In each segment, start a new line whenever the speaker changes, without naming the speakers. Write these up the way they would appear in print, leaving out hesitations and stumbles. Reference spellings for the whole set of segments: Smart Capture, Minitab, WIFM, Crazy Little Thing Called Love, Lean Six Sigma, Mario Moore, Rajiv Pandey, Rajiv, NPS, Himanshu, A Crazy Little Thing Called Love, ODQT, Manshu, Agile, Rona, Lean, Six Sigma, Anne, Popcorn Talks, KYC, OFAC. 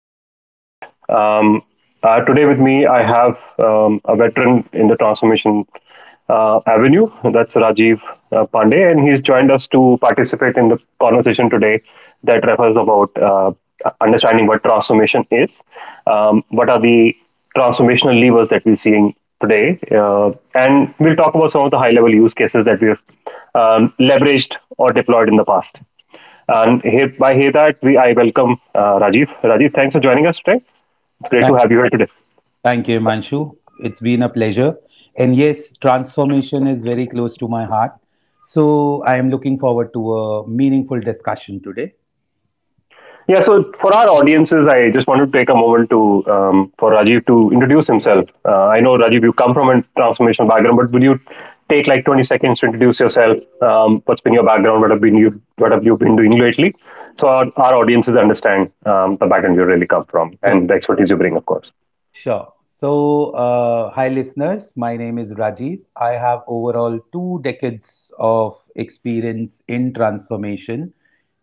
to my podcast. Um, today with me, I have a veteran in the transformation avenue. That's Rajiv Pandey, and he's joined us to participate in the conversation today that refers about understanding what transformation is, what are the transformational levers that we're seeing today, and we'll talk about some of the high-level use cases that we've leveraged or deployed in the past. And here, by here that we I welcome Rajiv. Rajiv, thanks for joining us today. It's great to
Thank,
have you here today.
thank you, Manshu. It's been a pleasure. And yes, transformation is very close to my heart. So I am looking forward to a meaningful discussion today.
Yeah, so for our audiences, I just wanted to take a moment to for Rajiv to introduce himself. I know Rajiv, you come from a transformational background, but would you take like 20 seconds to introduce yourself? What's been your background? What have you been doing lately? So our audiences understand the background you really come from
Sure,
and the expertise you bring, of course.
sure. So, hi listeners, my name is Rajiv. I have overall two decades of experience in transformation,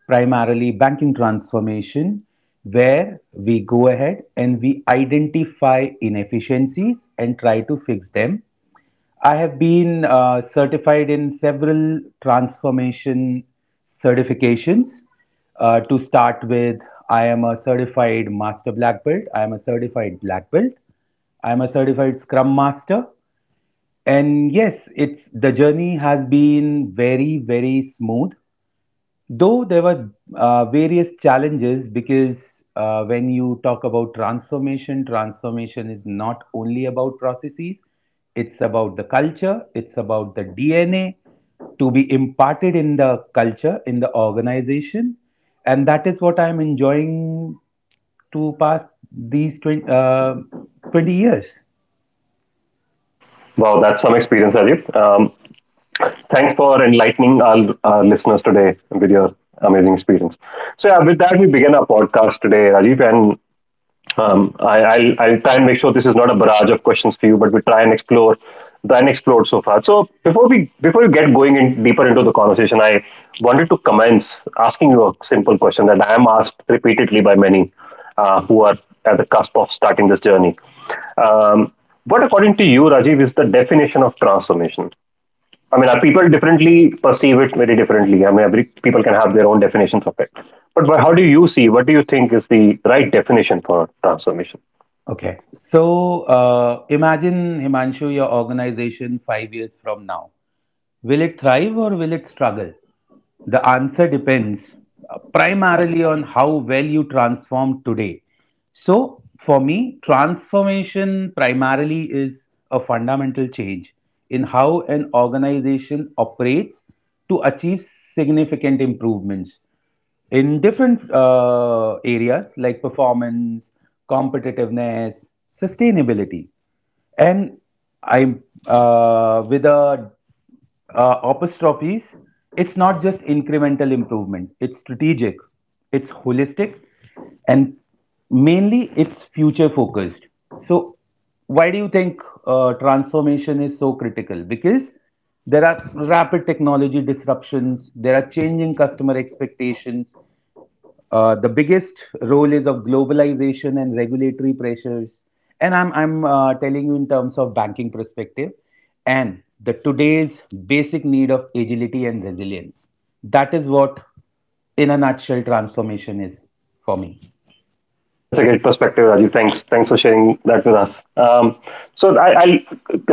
primarily banking transformation, where we go ahead and we identify inefficiencies and try to fix them. I have been certified in several transformation certifications. To start with, I am a certified master black belt, I am a certified black belt, I am a certified scrum master. And yes, it's the journey has been very, very smooth. Though there were various challenges, because when you talk about transformation, transformation is not only about processes, it's about the culture, it's about the DNA to be imparted in the culture, in the organization. And that is what I'm enjoying to pass these 20 years.
Wow, that's some experience, Rajiv. Thanks for enlightening our listeners today with your amazing experience. So, yeah, with that, we begin our podcast today, Rajiv. And I'll try and make sure this is not a barrage of questions for you, but we try and explore the unexplored so far. So, before we get going in deeper into the conversation, I wanted to commence asking you a simple question that I am asked repeatedly by many who are at the cusp of starting this journey. Um, what, according to you, Rajiv, is the definition of transformation? I mean, people differently perceive it very differently. I mean, every people can have their own definitions of it. But how do you see? What do you think is the right definition for transformation?
Okay. So imagine, Himanshu, your organization 5 years from now, will it thrive or will it struggle? The answer depends primarily on how well you transform today. So, for me, transformation primarily is a fundamental change in how an organization operates to achieve significant improvements in different areas like performance, competitiveness, sustainability, and I with a apostrophes, it's not just incremental improvement, it's strategic, it's holistic, and mainly it's future focused. So, why do you think transformation is so critical? Because there are rapid technology disruptions, there are changing customer expectations, the biggest role is of globalization and regulatory pressures. And I'm telling you in terms of banking perspective and the today's basic need of agility and resilience. That is what, in a nutshell, transformation is for me.
That's a great perspective, Rajiv. Thanks for sharing that with us. So I, I'll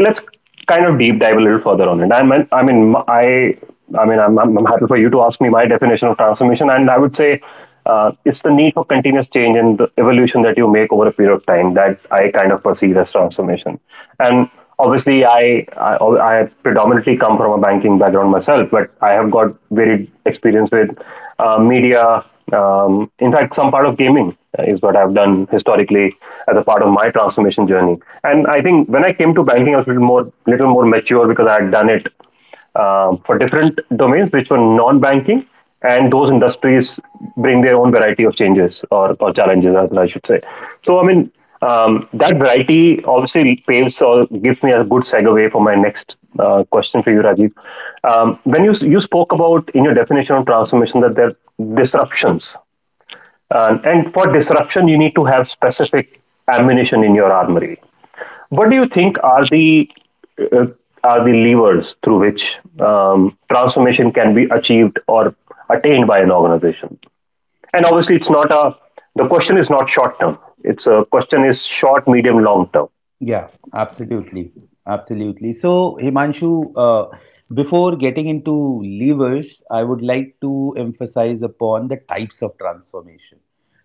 let's kind of deep dive a little further on it. I mean, I mean, I mean, I'm happy for you to ask me my definition of transformation, and I would say it's the need for continuous change and the evolution that you make over a period of time that I kind of perceive as transformation. And obviously, I predominantly come from a banking background myself, but I have got varied experience with media, in fact, some part of gaming is what I've done historically as a part of my transformation journey. And I think when I came to banking, I was a little more mature because I had done it for different domains which were non-banking, and those industries bring their own variety of changes or challenges, as I should say. So, I mean, that variety obviously paves or gives me a good segue for my next question for you, Rajiv. When you spoke about in your definition of transformation that there are disruptions, and for disruption you need to have specific ammunition in your armory. What do you think are the uh, are the levers through which transformation can be achieved or attained by an organization? And obviously, it's not a the question is not short term. It's a question is short, medium, long term.
Yeah, absolutely. Absolutely. So, Himanshu, before getting into levers, I would like to emphasize upon the types of transformation.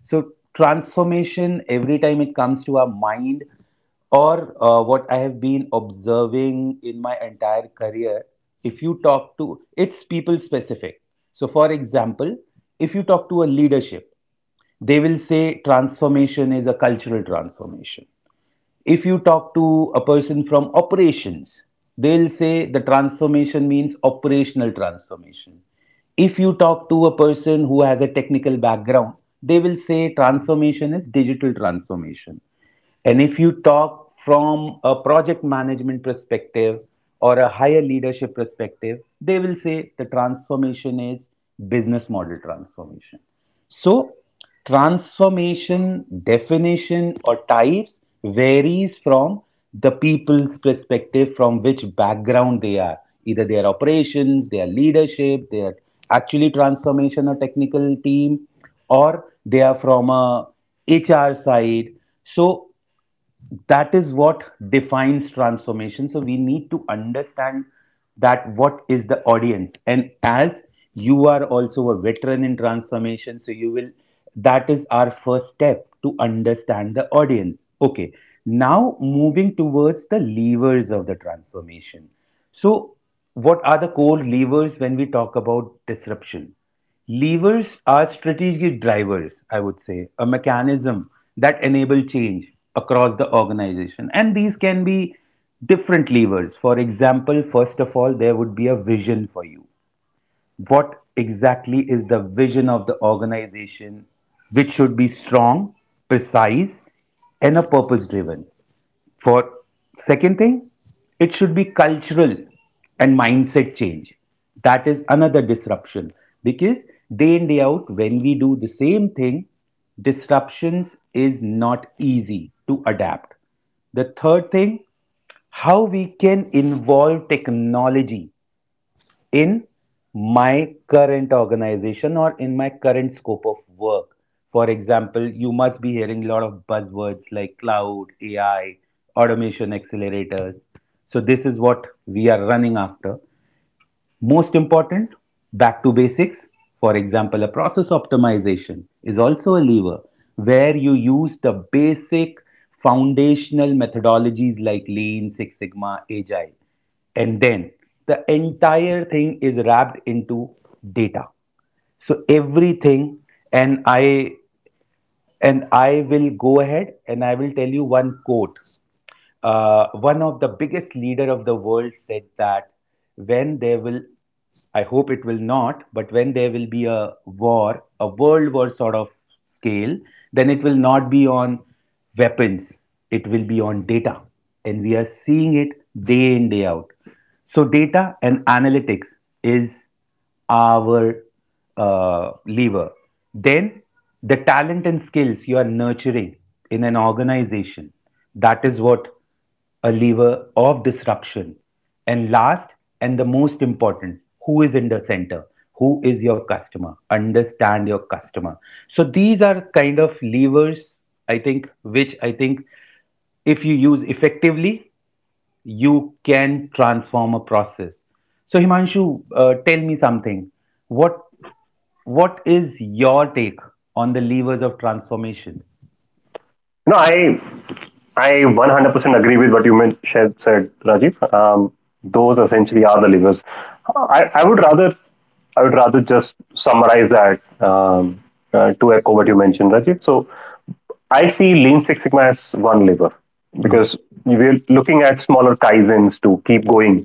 So, transformation, every time it comes to our mind, or what I have been observing in my entire career, if you talk to, it's people specific. So, for example, if you talk to a leadership, they will say transformation is a cultural transformation. If you talk to a person from operations, they'll say the transformation means operational transformation. If you talk to a person who has a technical background, they will say transformation is digital transformation. And if you talk from a project management perspective or a higher leadership perspective, they will say the transformation is business model transformation. So transformation, definition, or types varies from the people's perspective, from which background they are. Either their operations, their leadership, their actually transformation or technical team, or they are from a HR side. So that is what defines transformation, so we need to understand that what is the audience, and as you are also a veteran in transformation, so you will, that is our first step, to understand the audience. Okay, now moving towards the levers of the transformation. So what are the core levers when we talk about disruption? Levers are strategic drivers, I would say, a mechanism that enable change across the organization. And these can be different levers. For example, first of all, there would be a vision for you. What exactly is the vision of the organization, which should be strong, precise, and a purpose driven? For second thing, it should be cultural and mindset change. That is another disruption, because day in day out when we do the same thing, disruptions is not easy to adapt. The third thing, how we can involve technology in my current organization or in my current scope of work. For example, you must be hearing a lot of buzzwords like cloud, AI, automation accelerators. So, this is what we are running after. Most important, back to basics. For example, a process optimization is also a lever where you use the basic foundational methodologies like Lean, Six Sigma, Agile. And then the entire thing is wrapped into data. So everything, and I and I will go ahead and I will tell you one quote. One of the biggest leader of the world said that when there will, I hope it will not, but when there will be a war, a world war sort of scale, then it will not be on weapons, it will be on data. And we are seeing it day in, day out. So, data and analytics is our lever. Then the talent and skills you are nurturing in an organization, that is what a lever of disruption. And last and the most important, who is in the center? Who is your customer? Understand your customer. So these are kind of levers, I think, which I think if you use effectively, you can transform a process. So Himanshu, tell me something. What is your take on the levers of transformation?
No, I 100% agree with what you said, Rajiv. Those essentially are the levers. I, I would rather I would rather just summarize that to echo what you mentioned, Rajiv. So I see Lean Six Sigma as one lever because we're looking at smaller kaizens to keep going,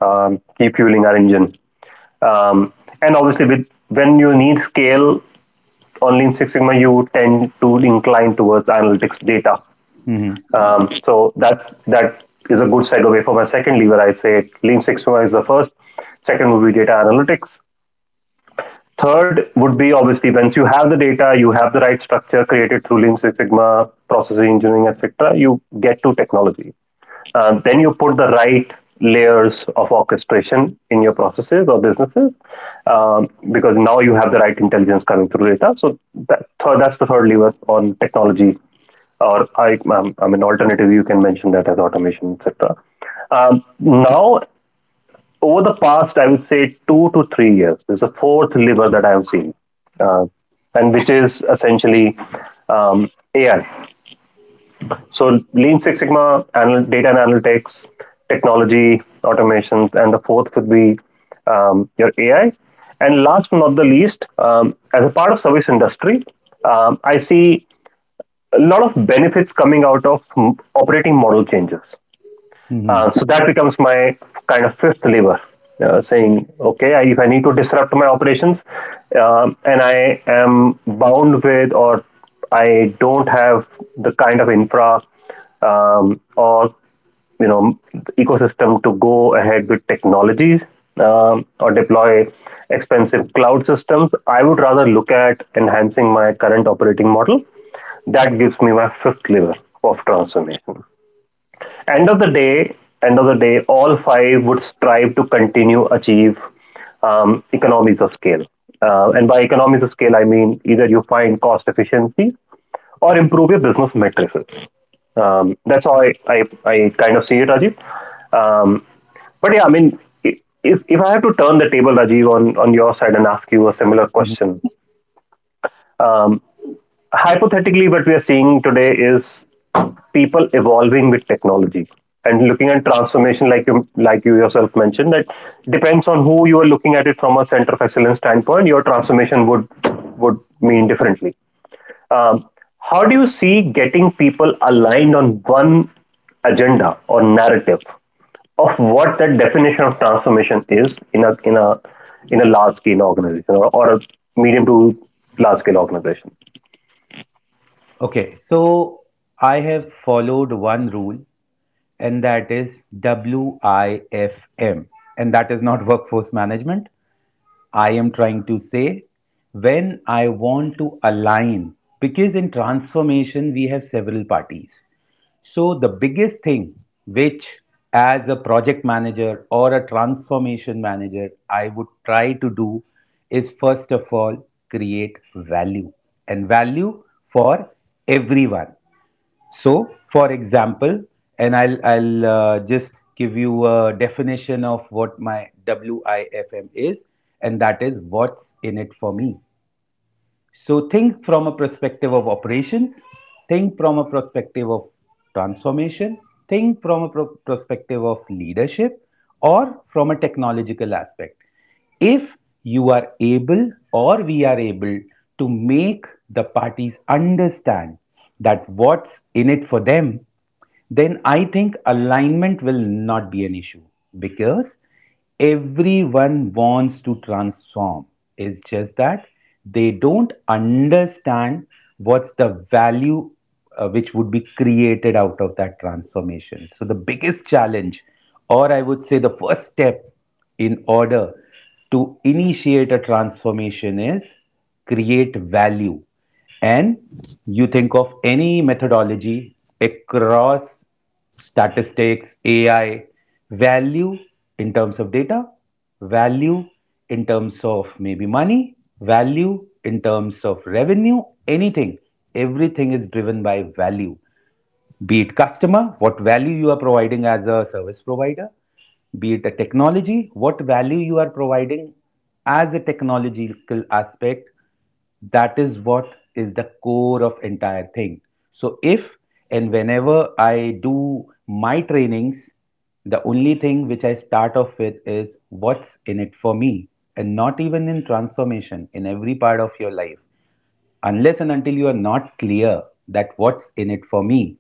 keep fueling our engine. Um, and obviously, with when you need scale on Lean Six Sigma, you tend to incline towards analytics data.
hmm
So that is a good segue for my second lever. I say Lean Six Sigma is the first. Second would be data analytics. Third would be, obviously, once you have the data, you have the right structure created through Lean Six Sigma, process engineering, etc. You get to technology. Then you put the right layers of orchestration in your processes or businesses because now you have the right intelligence coming through data. So that's the third lever on technology, or, I mean, alternative you can mention that as automation, etc. Now over the past, I would say 2 to 3 years, there's a fourth lever that I have seen, uh, and which is essentially AI. So Lean Six Sigma, data and analytics, technology, automations, and the fourth would be your AI. And last but not the least, as a part of service industry, I see a lot of benefits coming out of operating model changes.
hmm
So that becomes my kind of fifth lever, saying, okay, if I need to disrupt my operations and I am bound with or I don't have the kind of infra or you know ecosystem to go ahead with technologies or deploy expensive cloud systems, I would rather look at enhancing my current operating model. That gives me my fifth lever of transformation end of the day, end of the day, all five would strive to continue achieve economies of scale. And by economies of scale, I mean either you find cost efficiencies or improve your business matrices. That's how I kind of see it, Rajiv. Um, but yeah, I mean, if I have to turn the table, Rajiv, on your side and ask you a similar
hmm.
question, um, hypothetically what we are seeing today is people evolving with technology and looking at transformation like you yourself mentioned that depends on who you are looking at it from a center of excellence standpoint. Your transformation would mean differently. Um, how do you see getting people aligned on one agenda or narrative of what that definition of transformation is in a large scale organization, or a medium to large scale organization?
Okay, so I have followed one rule, and that is WIFM, and that is not workforce management. I am trying to say, when I want to align, because in transformation we have several parties. So, the biggest thing which, as a project manager or a transformation manager, I would try to do is first of all create value, and value for everyone. So, for example, and I'll just give you a definition of what my WIFM is, and that is what's in it for me. So think from a perspective of operations, think from a perspective of transformation, think from a pro- perspective of leadership, or from a technological aspect. If you are able or we are able to make the parties understand that what's in it for them, then I think alignment will not be an issue, because everyone wants to transform. It's just that they don't understand what's the value which would be created out of that transformation. So, the biggest challenge, or I would say the first step in order to initiate a transformation, is create value. And you think of any methodology across statistics, AI, value in terms of data, value in terms of maybe money, value in terms of revenue, anything. Everything is driven by value. Be it customer, what value you are providing as a service provider, be it a technology, what value you are providing as a technological aspect, that is what is the core of entire thing. So if, and whenever I do my trainings, the only thing which I start off with is what's in it for me, and not even in transformation, in every part of your life. Unless and until you are not clear that what's in it for me,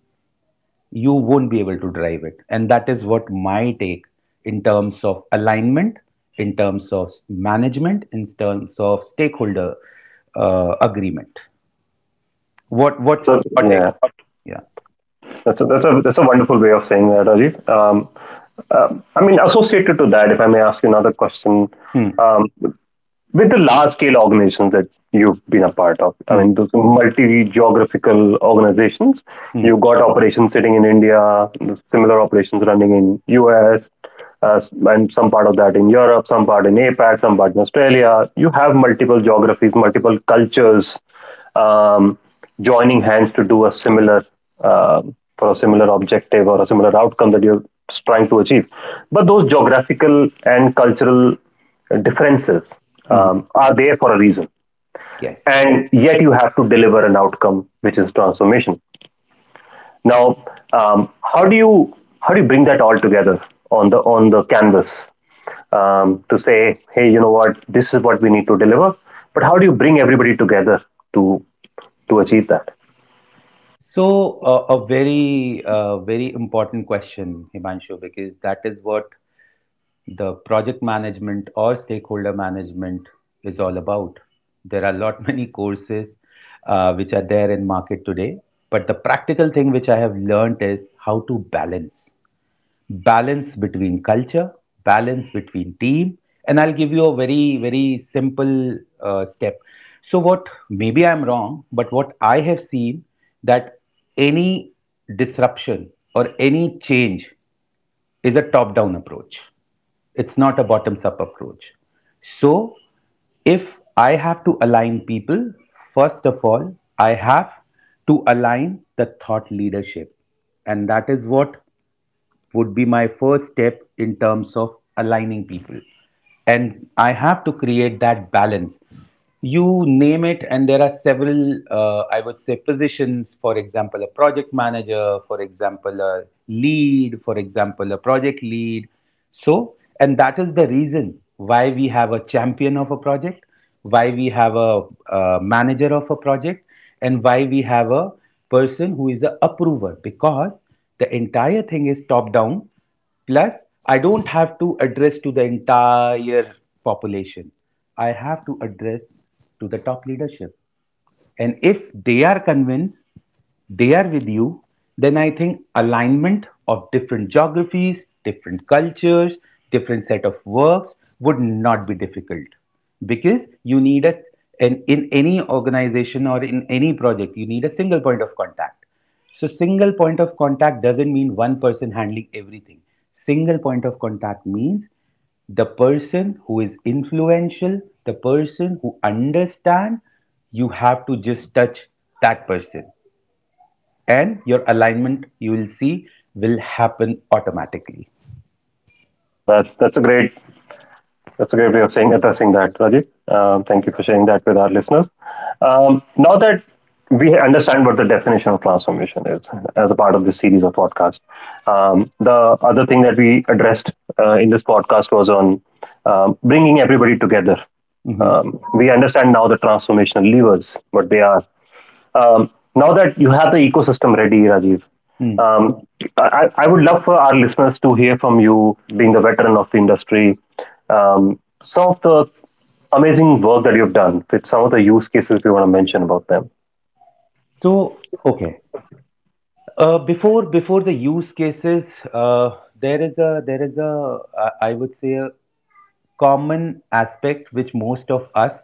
you won't be able to drive it. And that is what my take in terms of alignment, in terms of management, in terms of stakeholder agreement. What
That's
What's
a
your take?
yeah.
Yeah.
That's that's a wonderful way of saying that, Ajit. I mean, associated to that, if I may ask you another question,
Hmm,
um, with the large scale organizations that you've been a part of, I
hmm,
mean, those multi geographical organizations,
hmm,
you've got operations sitting in India, similar operations running in US, and some part of that in Europe, some part in APAC, some part in Australia. You have multiple geographies, multiple cultures. Um, joining hands to do a similar uh, for a similar objective or a similar outcome that you're trying to achieve. But those geographical and cultural differences
hmm.
are there for a reason,
Yes.
and yet you have to deliver an outcome which is transformation. Now, um, how do you how do you bring that all together on the canvas to say, hey, you know what, this is what we need to deliver. But how do you bring everybody together to to achieve that?
So a very very important question, Himanshu, because that is what the project management or stakeholder management is all about. There are a lot many courses which are there in market today, but the practical thing which I have learned is how to balance, balance between culture, balance between team, and I'll give you a very very simple step. So what, maybe I'm wrong, but what I have seen, that any disruption or any change is a top down approach, it's not a bottoms up approach. So, if I have to align people, first of all, I have to align the thought leadership. And that is what would be my first step in terms of aligning people. And I have to create that balance. You name it, and there are several I would say positions, for example a project manager, for example a lead, for example a project lead. So, and that is the reason why we have a champion of a project, why we have a manager of a project, and why we have a person who is a approver, because the entire thing is top down. Plus, I don't have to address to the entire population, I have to address to the top leadership, and if they are convinced, they are with you, then I think alignment of different geographies, different cultures, different set of works would not be difficult, because you need a, and in any organization or in any project you need a single point of contact. So single point of contact doesn't mean one person handling everything. Single point of contact means the person who is influential, the person who understands. You have to just touch that person, and your alignment, you will see, will happen automatically.
Wow, that's a great way of saying addressing that, Rajiv. Thank you for sharing that with our listeners. Now that we understand what the definition of transformation is as a part of this series of podcasts, the other thing that we addressed in this podcast was on bringing everybody together.
Mhm.
We understand now the transformational levers, what they are, um, now that you have the ecosystem ready, Rajiv,
Mm.
um, I would love for our listeners to hear from you, being the veteran of the industry, some of the amazing work that you've done with some of the use cases if you want to mention about them.
So, okay, before the use cases, there is a I would say a common aspect which most of us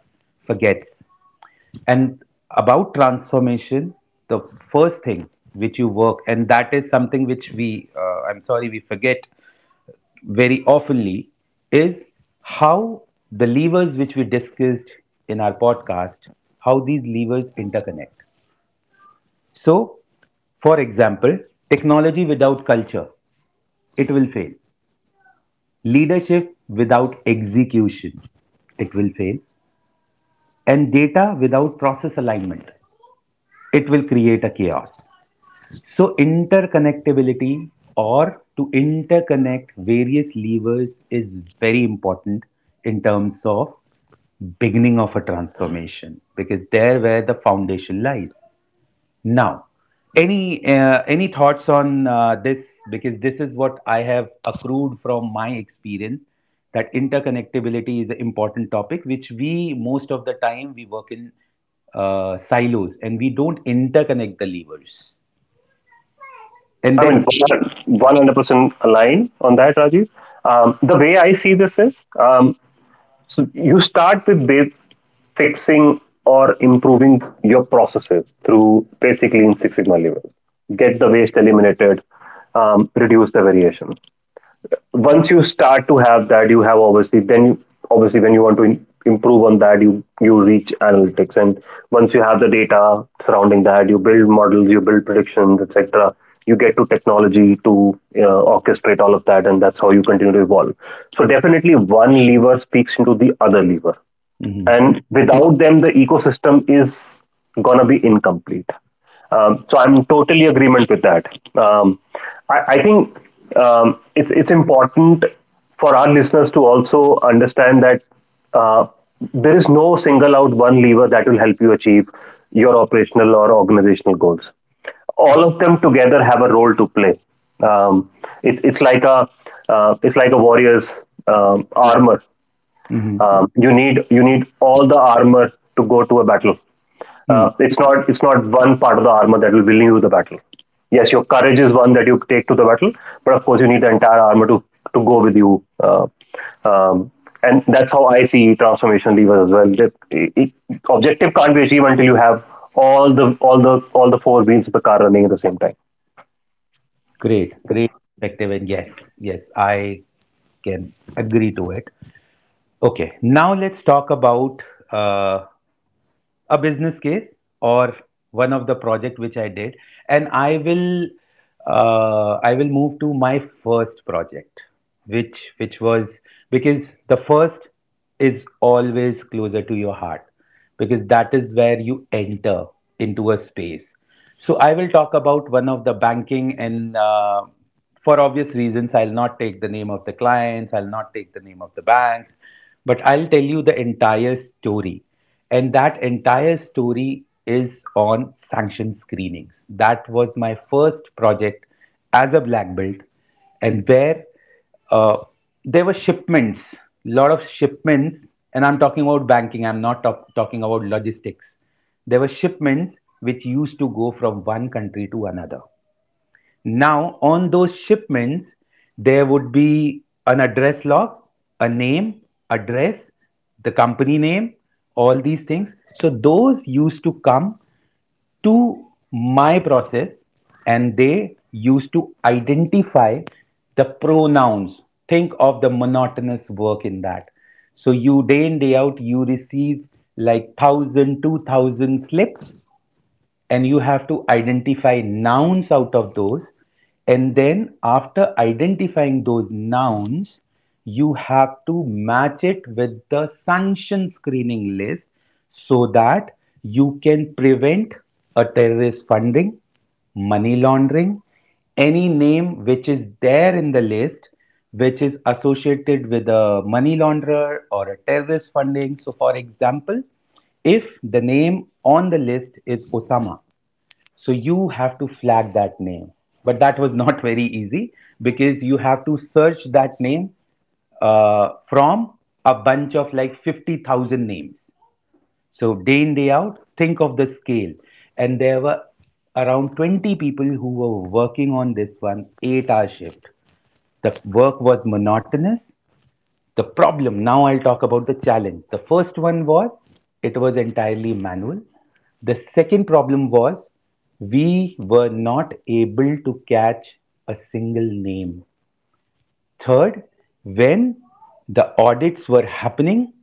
forgets and about transformation, the first thing which you work, and that is something which we I'm sorry, we forget very oftenly is how the levers which we discussed in our podcast, how these levers interconnect. So, for example, technology without culture, it will fail. Leadership without execution, it will fail. And data without process alignment, it will create a chaos. So interconnectability or to interconnect various levers is very important in terms of beginning of a transformation because there where the foundation lies. Now, any thoughts on this? Because this is what I have accrued from my experience that interconnectability is an important topic which we most of the time we work in silos, and we don't interconnect the levers and
I
then.
mean, 100% aligned on that, Rajiv. The way I see this is so you start with fixing or improving your processes through basically in Six Sigma levers. Get the waste eliminated, reduce the variation. Once you start to have that, you have obviously then you, obviously when you want to improve on that, you reach analytics, and once you have the data surrounding that, you build models, you build predictions, etc. You get to technology to orchestrate all of that, and that's how you continue to evolve. So definitely one lever speaks into the other lever,
Mhm.
and without them the ecosystem is gonna be incomplete. So I'm totally agreement with that. Um, I think it's important for our listeners to also understand that uh, there is no single out one lever that will help you achieve your operational or organizational goals. All of them together have a role to play. Um, it, it's like a it's like a warrior's armor.
Mhm.
You need all the armor to go to a battle.
Hmm.
It's not one part of the armor that will win you the battle. Yes, your courage is one that you take to the battle, but of course you need the entire armor to go with you. Um, and that's how I see transformation levers as well. Objective can't be achieved until you have all the four wheels of the car running at the same time.
Great. Great perspective. And yes, yes, I can agree to it. Okay. Now let's talk about uh, a business case or one of the project which I did, and I will move to my first project, which was because the first is always closer to your heart because that is where you enter into a space. So I will talk about one of the banking, and for obvious reasons, I'll not take the name of the clients, I'll not take the name of the banks, but I'll tell you the entire story. And that entire story is on sanction screenings. That was my first project as a black belt, and where uh, there were shipments, lot of shipments, and I'm talking about banking. I'm not talking about logistics. There were shipments which used to go from one country to another. Now, on those shipments, there would be an address log, a name, address, the company name, all these things. So, those used to come to my process, and they used to identify the pronouns. Think of the monotonous work in that. So you day in, day out, you receive like 1,000, 2,000 slips, and you have to identify nouns out of those. And then, after identifying those nouns, you have to match it with the sanction screening list so that you can prevent a terrorist funding, money laundering, any name which is there in the list which is associated with a money launderer or a terrorist funding. So, for example, if the name on the list is Osama, so you have to flag that name. But that was not very easy because you have to search that name from a bunch of like 50,000 names. So day in, day out, think of the scale. And there were around 20 people who were working on this one 8-hour shift. The work was monotonous. The problem, now I'll talk about the challenge. The first one was it was entirely manual. The second problem was we were not able to catch a single name. Third, when the audits were happening,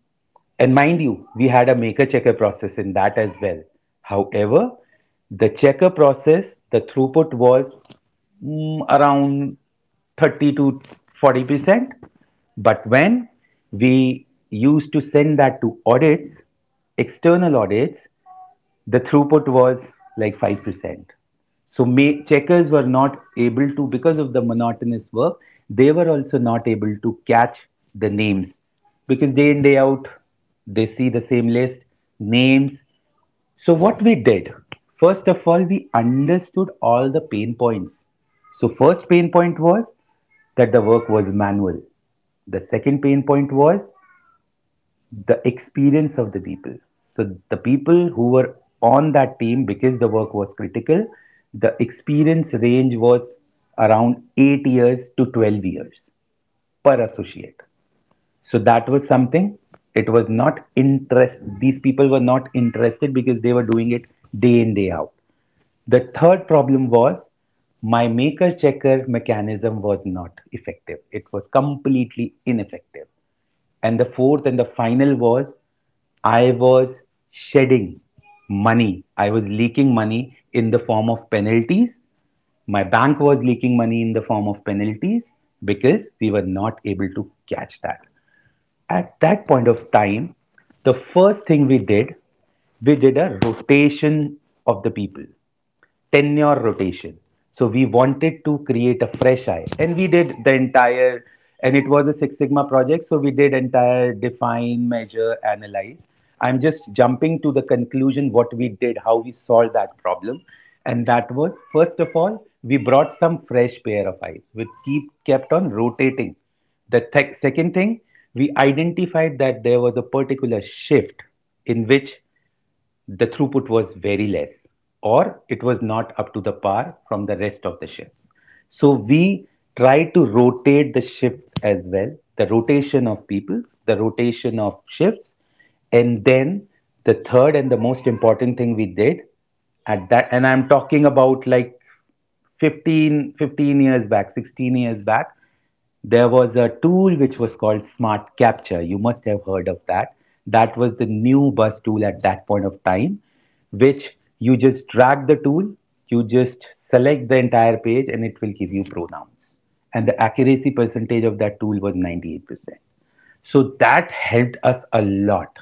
and mind you, we had a maker checker process in that as well. However, the checker process, the throughput was around 30 to 40%. But when we used to send that to audits, external audits, the throughput was like 5%. So checkers were not able to, because of the monotonous work, they were also not able to catch the names because day in, day out, they see the same list, names. So what we did, first of all, we understood all the pain points. So first pain point was that the work was manual. The second pain point was the experience of the people. So the people who were on that team because the work was critical, the experience range was around 8 years to 12 years per associate. So that was something. It was not interest. These people were not interested because they were doing it day in, day out. The third problem was my maker checker mechanism was not effective. It was completely ineffective. And the fourth and the final was I was shedding money. I was leaking money in the form of penalties. My bank was leaking money in the form of penalties because we were not able to catch that. At that point of time, the first thing we did a rotation of the people, tenure rotation. So we wanted to create a fresh eye, and we did the entire, and it was a Six Sigma project. So we did entire define, measure, analyze. I'm just jumping to the conclusion what we did, how we solved that problem, and that was first of all we brought some fresh pair of eyes, which keep kept on rotating. The second thing we identified that there was a particular shift in which the throughput was very less, or it was not up to the par from the rest of the shifts. So we tried to rotate the shifts as well, the rotation of people, the rotation of shifts, and then the third and the most important thing we did at that, and I'm talking about like Fifteen years back, 16 years back, there was a tool which was called Smart Capture. You must have heard of that. That was the new bus tool at that point of time, which you just drag the tool, you just select the entire page, and it will give you pronouns. And the accuracy percentage of that tool was 98%. So that helped us a lot,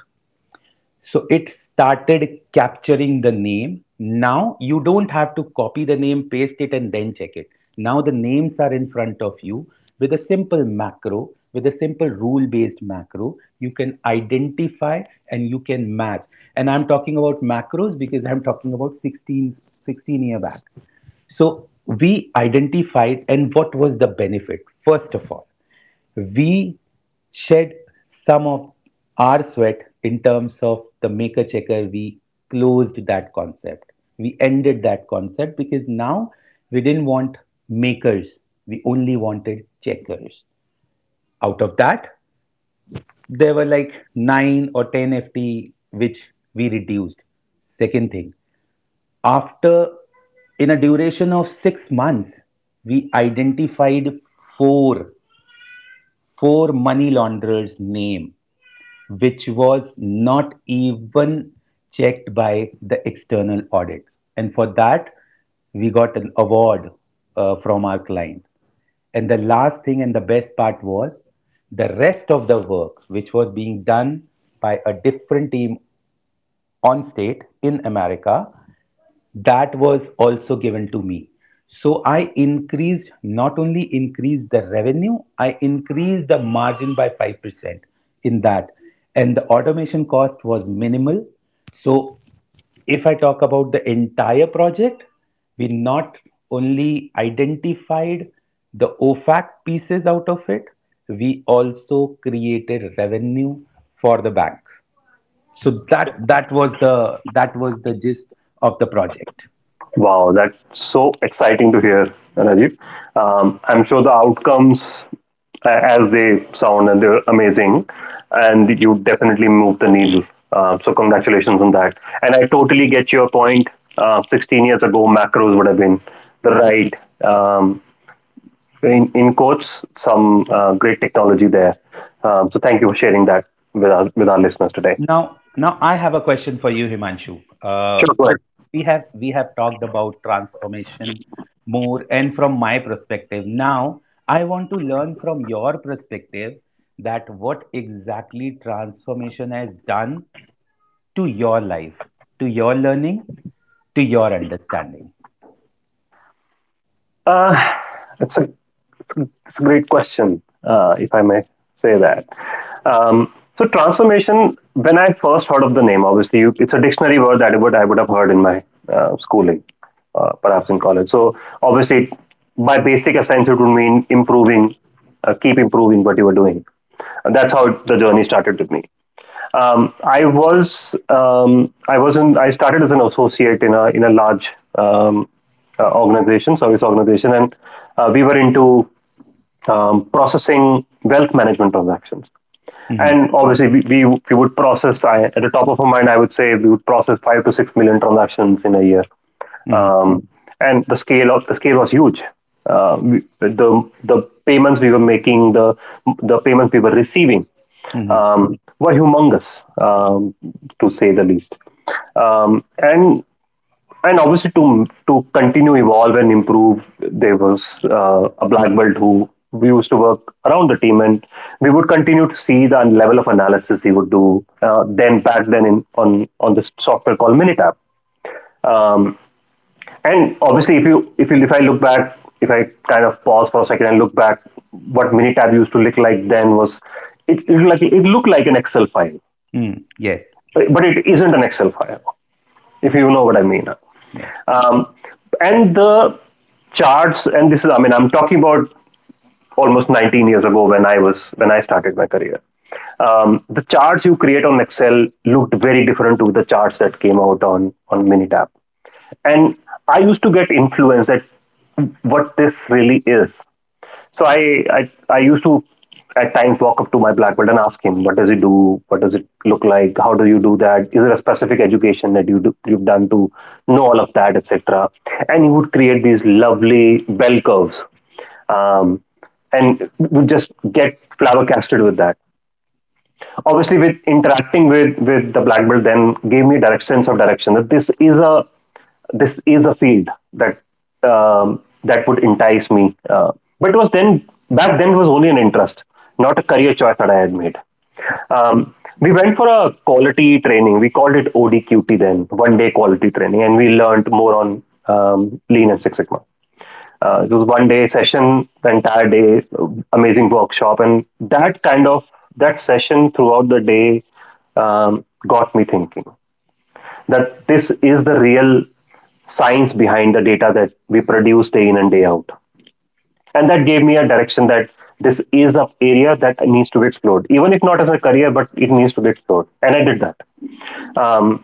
so it started capturing the name. Now you don't have to copy the name, paste it, and then check it. Now the names are in front of you with a simple macro, with a simple rule based macro. You can identify and you can match. And I'm talking about macros because I'm talking about sixteen year back. So we identified, and what was the benefit? First of all, we shed some of our sweat in terms of the maker checker. We closed that concept. We ended that concept because now we didn't want makers. We only wanted checkers. Out of that, there were like nine or 10 FT which we reduced. Second thing, after in a duration of 6 months, we identified four four money launderers' name which was not even checked by the external audit. And for that, we got an award from our client. And the last thing and the best part was the rest of the work, which was being done by a different team on state in America, that was also given to me. So I increased, not only increased the revenue, I increased the margin by 5% in that. And the automation cost was minimal. So if I talk about the entire project, we not only identified the OFAC pieces out of it, we also created revenue for the bank. So that was the gist of the project.
Wow, that's so exciting to hear, Ranjit. I'm sure the outcomes, as they sound, and they're amazing, and you definitely move the needle. So congratulations on that. And I totally get your point. 16 years ago, macros would have been the right, um, in quotes. Some great technology there. So thank you for sharing that with our listeners today.
Now, I have a question for you, Himanshu. Uh,
Sure, go ahead.
so we have talked about transformation more, and from my perspective, now I want to learn from your perspective that what exactly transformation has done to your life, to your learning, to your understanding.
Uh, it's a It's a great question, if I may say that. Um, so transformation, when I first heard of the name, obviously it's a dictionary word that I would have heard in my schooling, perhaps in college. So obviously, by basic essence, it would mean keep improving what you were doing. And that's how the journey started with me. I was in I started as an associate in a large um, organization, service organization, and we were into processing wealth management transactions.
Hmm.
And obviously, we would process, I, at the top of my mind, I would say we would process 5 to 6 million transactions in a year.
Hmm.
Um, and the scale of the scale was huge. Uh, we, the the payments we were making, the payments we were receiving,
Hmm.
were humongous, um, to say the least. Um, and and obviously to continue evolve and improve, there was a black belt who we used to work around the team, and we would continue to see the level of analysis he would do, then back then in on this software called Minitab. Um, and obviously, if I look back, if I kind of pause for a second and look back, what Minitab used to look like then was, it looked like an Excel file,
Hmm. Yes,
but it isn't an Excel file, if you know what I mean.
yes,
Um, and the charts, and this is, I mean, I'm talking about almost 19 years ago when when I started my career. The charts you create on Excel looked very different to the charts that came out on Minitab. And I used to get influenced at what this really is. So I used to at times walk up to my black belt and ask him, what does it do? What does it look like? How do you do that? Is there a specific education that you've done to know all of that, etc.? And he would create these lovely bell curves, um, and would just get flabbergasted with that. Obviously, with interacting with the black belt then, gave me direct sense of direction that this is a field that that would entice me, but it was then back then it was only an interest, not a career choice that I had made. um, we went for a quality training, we called it ODQT then, one day quality training, and we learned more on um, lean and Six Sigma. It was one day session, the entire day, amazing workshop, and that kind of that session throughout the day, got me thinking that this is the real science behind the data that we produce day in and day out. And that gave me a direction that this is an area that needs to be explored, even if not as a career, but it needs to be explored, and I did that. um,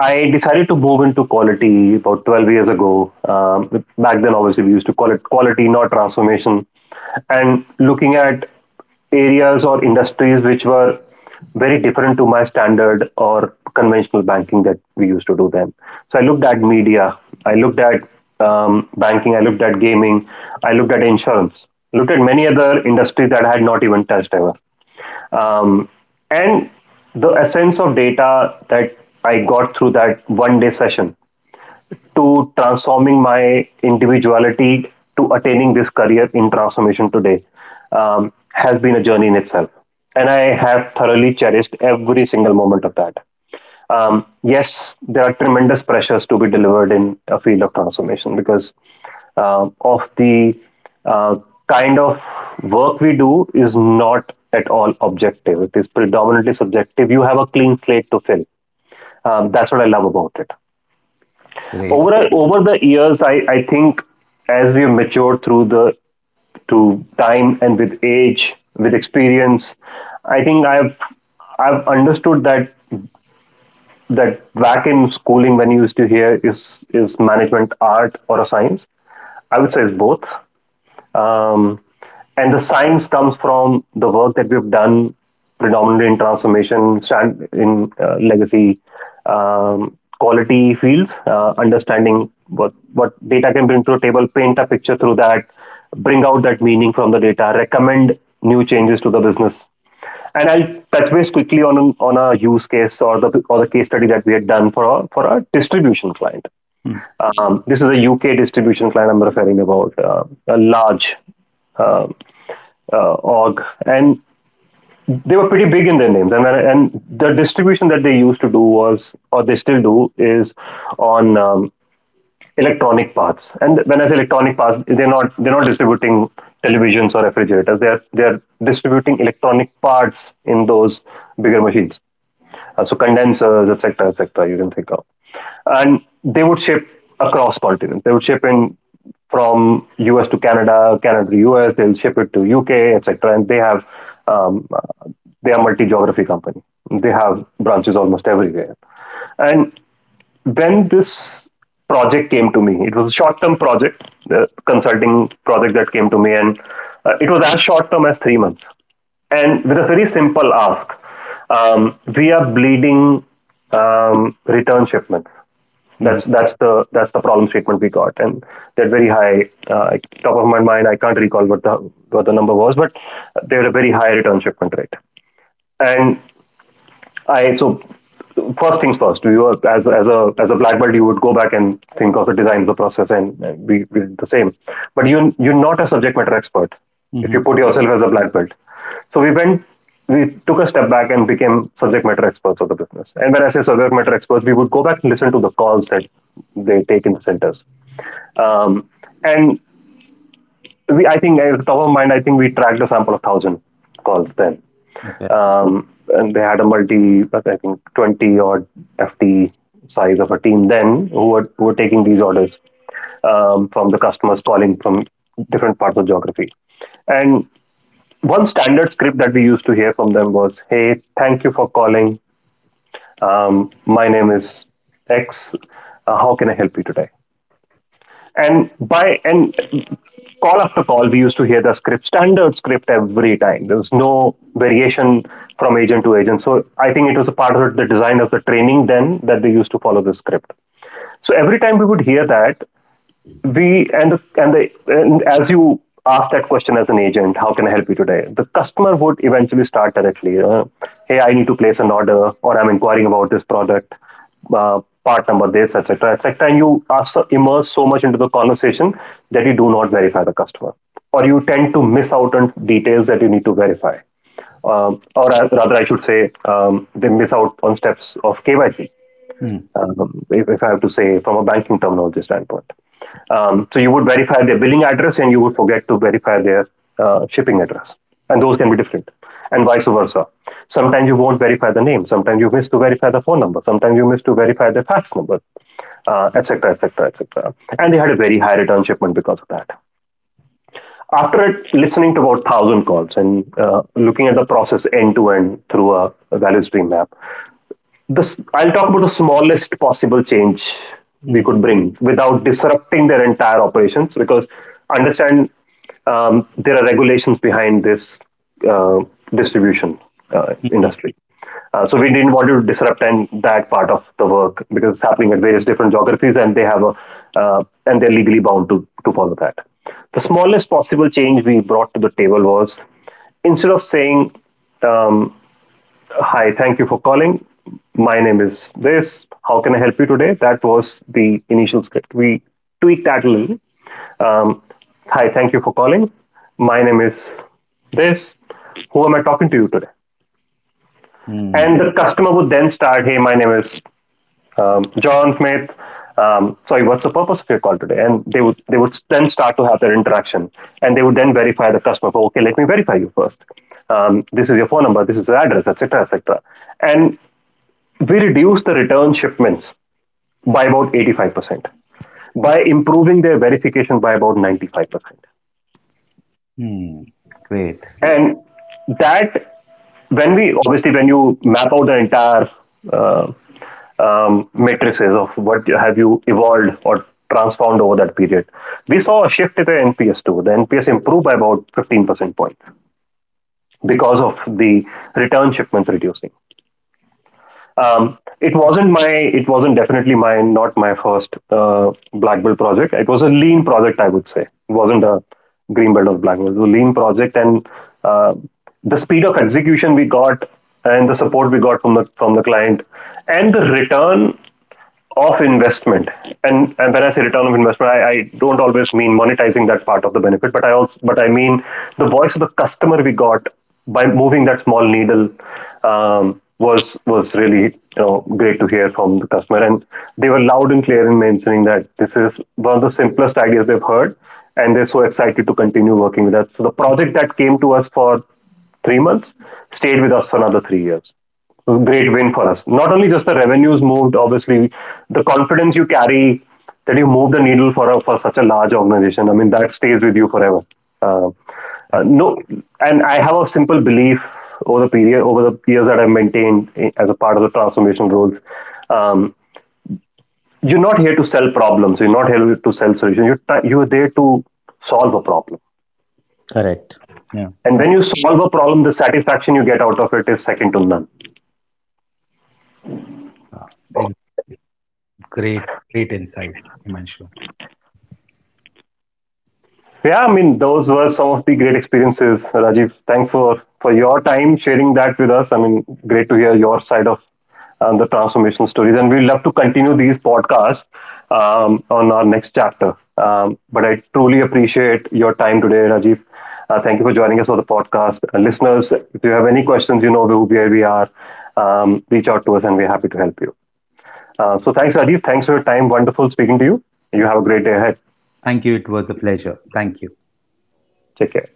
I decided to move into quality about 12 years ago. Back then, obviously, we used to call it quality, not transformation. And looking at areas or industries which were very different to my standard or conventional banking that we used to do then. So I looked at media, I looked at banking, I looked at gaming, I looked at insurance, looked at many other industries that I had not even touched ever. Um, and the essence of data that I got through that one day session, to transforming my individuality, to attaining this career in transformation today, has been a journey in itself. And I have thoroughly cherished every single moment of that. Yes, there are tremendous pressures to be delivered in a field of transformation, because of the uh, kind of work we do is not at all objective. It is predominantly subjective. You have a clean slate to fill. That's what I love about it.
great.
Over the years, I think, as we've matured through time and with age, with experience, I think I've understood that, back in schooling when you used to hear, is management art or a science, I would say it's both. Um, and the science comes from the work that we've done predominantly in transformation, stand in legacy quality fields, understanding what data can bring to the table, paint a picture through that, bring out that meaning from the data, recommend new changes to the business. And I'll touch base quickly on a use case, or the case study that we had done for a distribution client. This is a UK distribution client I'm referring about, a large uh, org, and they were pretty big in their names. And the distribution that they used to do was, or they still do, is on electronic parts. And when I say electronic parts, they're not distributing televisions or refrigerators. They're distributing electronic parts in those bigger machines, so condensers, etc., etc., you can think of, and they would ship across continents. They would ship in from US to Canada, Canada to US. They'll ship it to UK, etc. And they have um, uh, they are multi geography company. They have branches almost everywhere, and then this project came to me. It was a short-term project, the consulting project that came to me, and it was as short-term as 3 months, and with a very simple ask. We are bleeding return shipments.
Mm-hmm.
That's the problem statement we got, and they're very high. Top of my mind, I can't recall what the number was, but they're a very high return shipment rate. And I so first things first. You were, as a black belt, you would go back and think of the design, the process, and we did the same. But you're not a subject matter expert if
Hmm.
you put yourself as a black belt. So we went. We took a step back and became subject matter experts of the business. And when I say subject matter experts, we would go back and listen to the calls that they take in the centers. Um, and we, I think, at the top of mind, I think we tracked a sample of thousand calls then.
Okay.
And they had a multi, I think, 20 odd FT size of a team then, who were taking these orders from the customers calling from different parts of geography, and one standard script that we used to hear from them was, "Hey, thank you for calling. My name is X. How can I help you today?" And call after call we used to hear the script standard script every time. There was no variation from agent to agent, so I think it was a part of the design of the training then, that they used to follow the script. So every time we would hear that, we and the, and the and as you ask that question as an agent, how can I help you today, the customer would eventually start directly, hey, I need to place an order, or I'm inquiring about this product, part number this, etc., etc. And you are immerse so much into the conversation that you do not verify the customer, or you tend to miss out on details that you need to verify, or, rather I should say, they miss out on steps of KYC,
Mm-hmm.
if I have to say from a banking terminology standpoint. So you would verify their billing address, and you would forget to verify their shipping address. And those can be different and vice versa. Sometimes you won't verify the name. Sometimes you miss to verify the phone number. Sometimes you miss to verify the fax number, etc., etc., etc. And they had a very high return shipment because of that. After listening to about 1,000 calls and looking at the process end to end through a value stream map, this I'll talk about the smallest possible change we could bring without disrupting their entire operations because understand, there are regulations behind this uh, distribution
Hmm.
industry. So we didn't want to disrupt and that part of the work because it's happening at various different geographies, and they have a and they're legally bound to follow that. The smallest possible change we brought to the table was, instead of saying um, "Hi, thank you for calling. My name is this. How can I help you today?" That was the initial script. We tweaked that a little. Um, "Hi, thank you for calling. My name is this. Who am I talking to you today?"
Hmm.
And the customer would then start, "Hey, my name is John Smith." "Sorry, what's the purpose of your call today?" And they would then start to have their interaction, and they would then verify the customer. For "okay, let me verify you first. This is your phone number. This is your address, et cetera, et cetera." And we reduced the return shipments by about 85% by improving their verification by about 95%.
Hmm. Great.
And that, when we obviously, when you map out the entire uh, matrices of what have you evolved or transformed over that period, we saw a shift in the NPS too. The NPS improved by about 15% point because of the return shipments reducing. It wasn't my, it wasn't definitely my, not my first black belt project. It was a lean project, I would say. It wasn't a green belt or black belt. It was a lean project, and uh, the speed of execution we got, and the support we got from the client, and the return of investment. And when I say return of investment, I don't always mean monetizing that part of the benefit, but I also but I mean the voice of the customer we got by moving that small needle was really, you know, great to hear from the customer. And they were loud and clear in mentioning that this is one of the simplest ideas they've heard, and they're so excited to continue working with us. So the project that came to us for 3 months stayed with us for another 3 years. Great win for us. Not only just the revenues moved, obviously, the confidence you carry that you move the needle for such a large organization. I mean, that stays with you forever. Uh, no, and I have a simple belief over the period over the years that I've maintained as a part of the transformation roles. Um, you're not here to sell problems. You're not here to sell solutions. You're there to solve a problem.
Correct. Yeah. Uh,
And when you solve a problem, the satisfaction you get out of it is second to none.
uh, ex- Great, great insight, Himanshu.
Yeah, I mean, those were some of the great experiences, Rajiv. Thanks for your time sharing that with us. I mean, great to hear your side of the transformation stories, and we'd love to continue these podcasts on our next chapter. But I truly appreciate your time today, Rajiv. Thank you for joining us for the podcast. Listeners, if you have any questions, you know who where we are. Reach out to us, and we're happy to help you. So, thanks, Rajiv. Thanks for your time. Wonderful speaking to you. You have a great day ahead.
Thank you. It was a pleasure. Thank you.
Take care.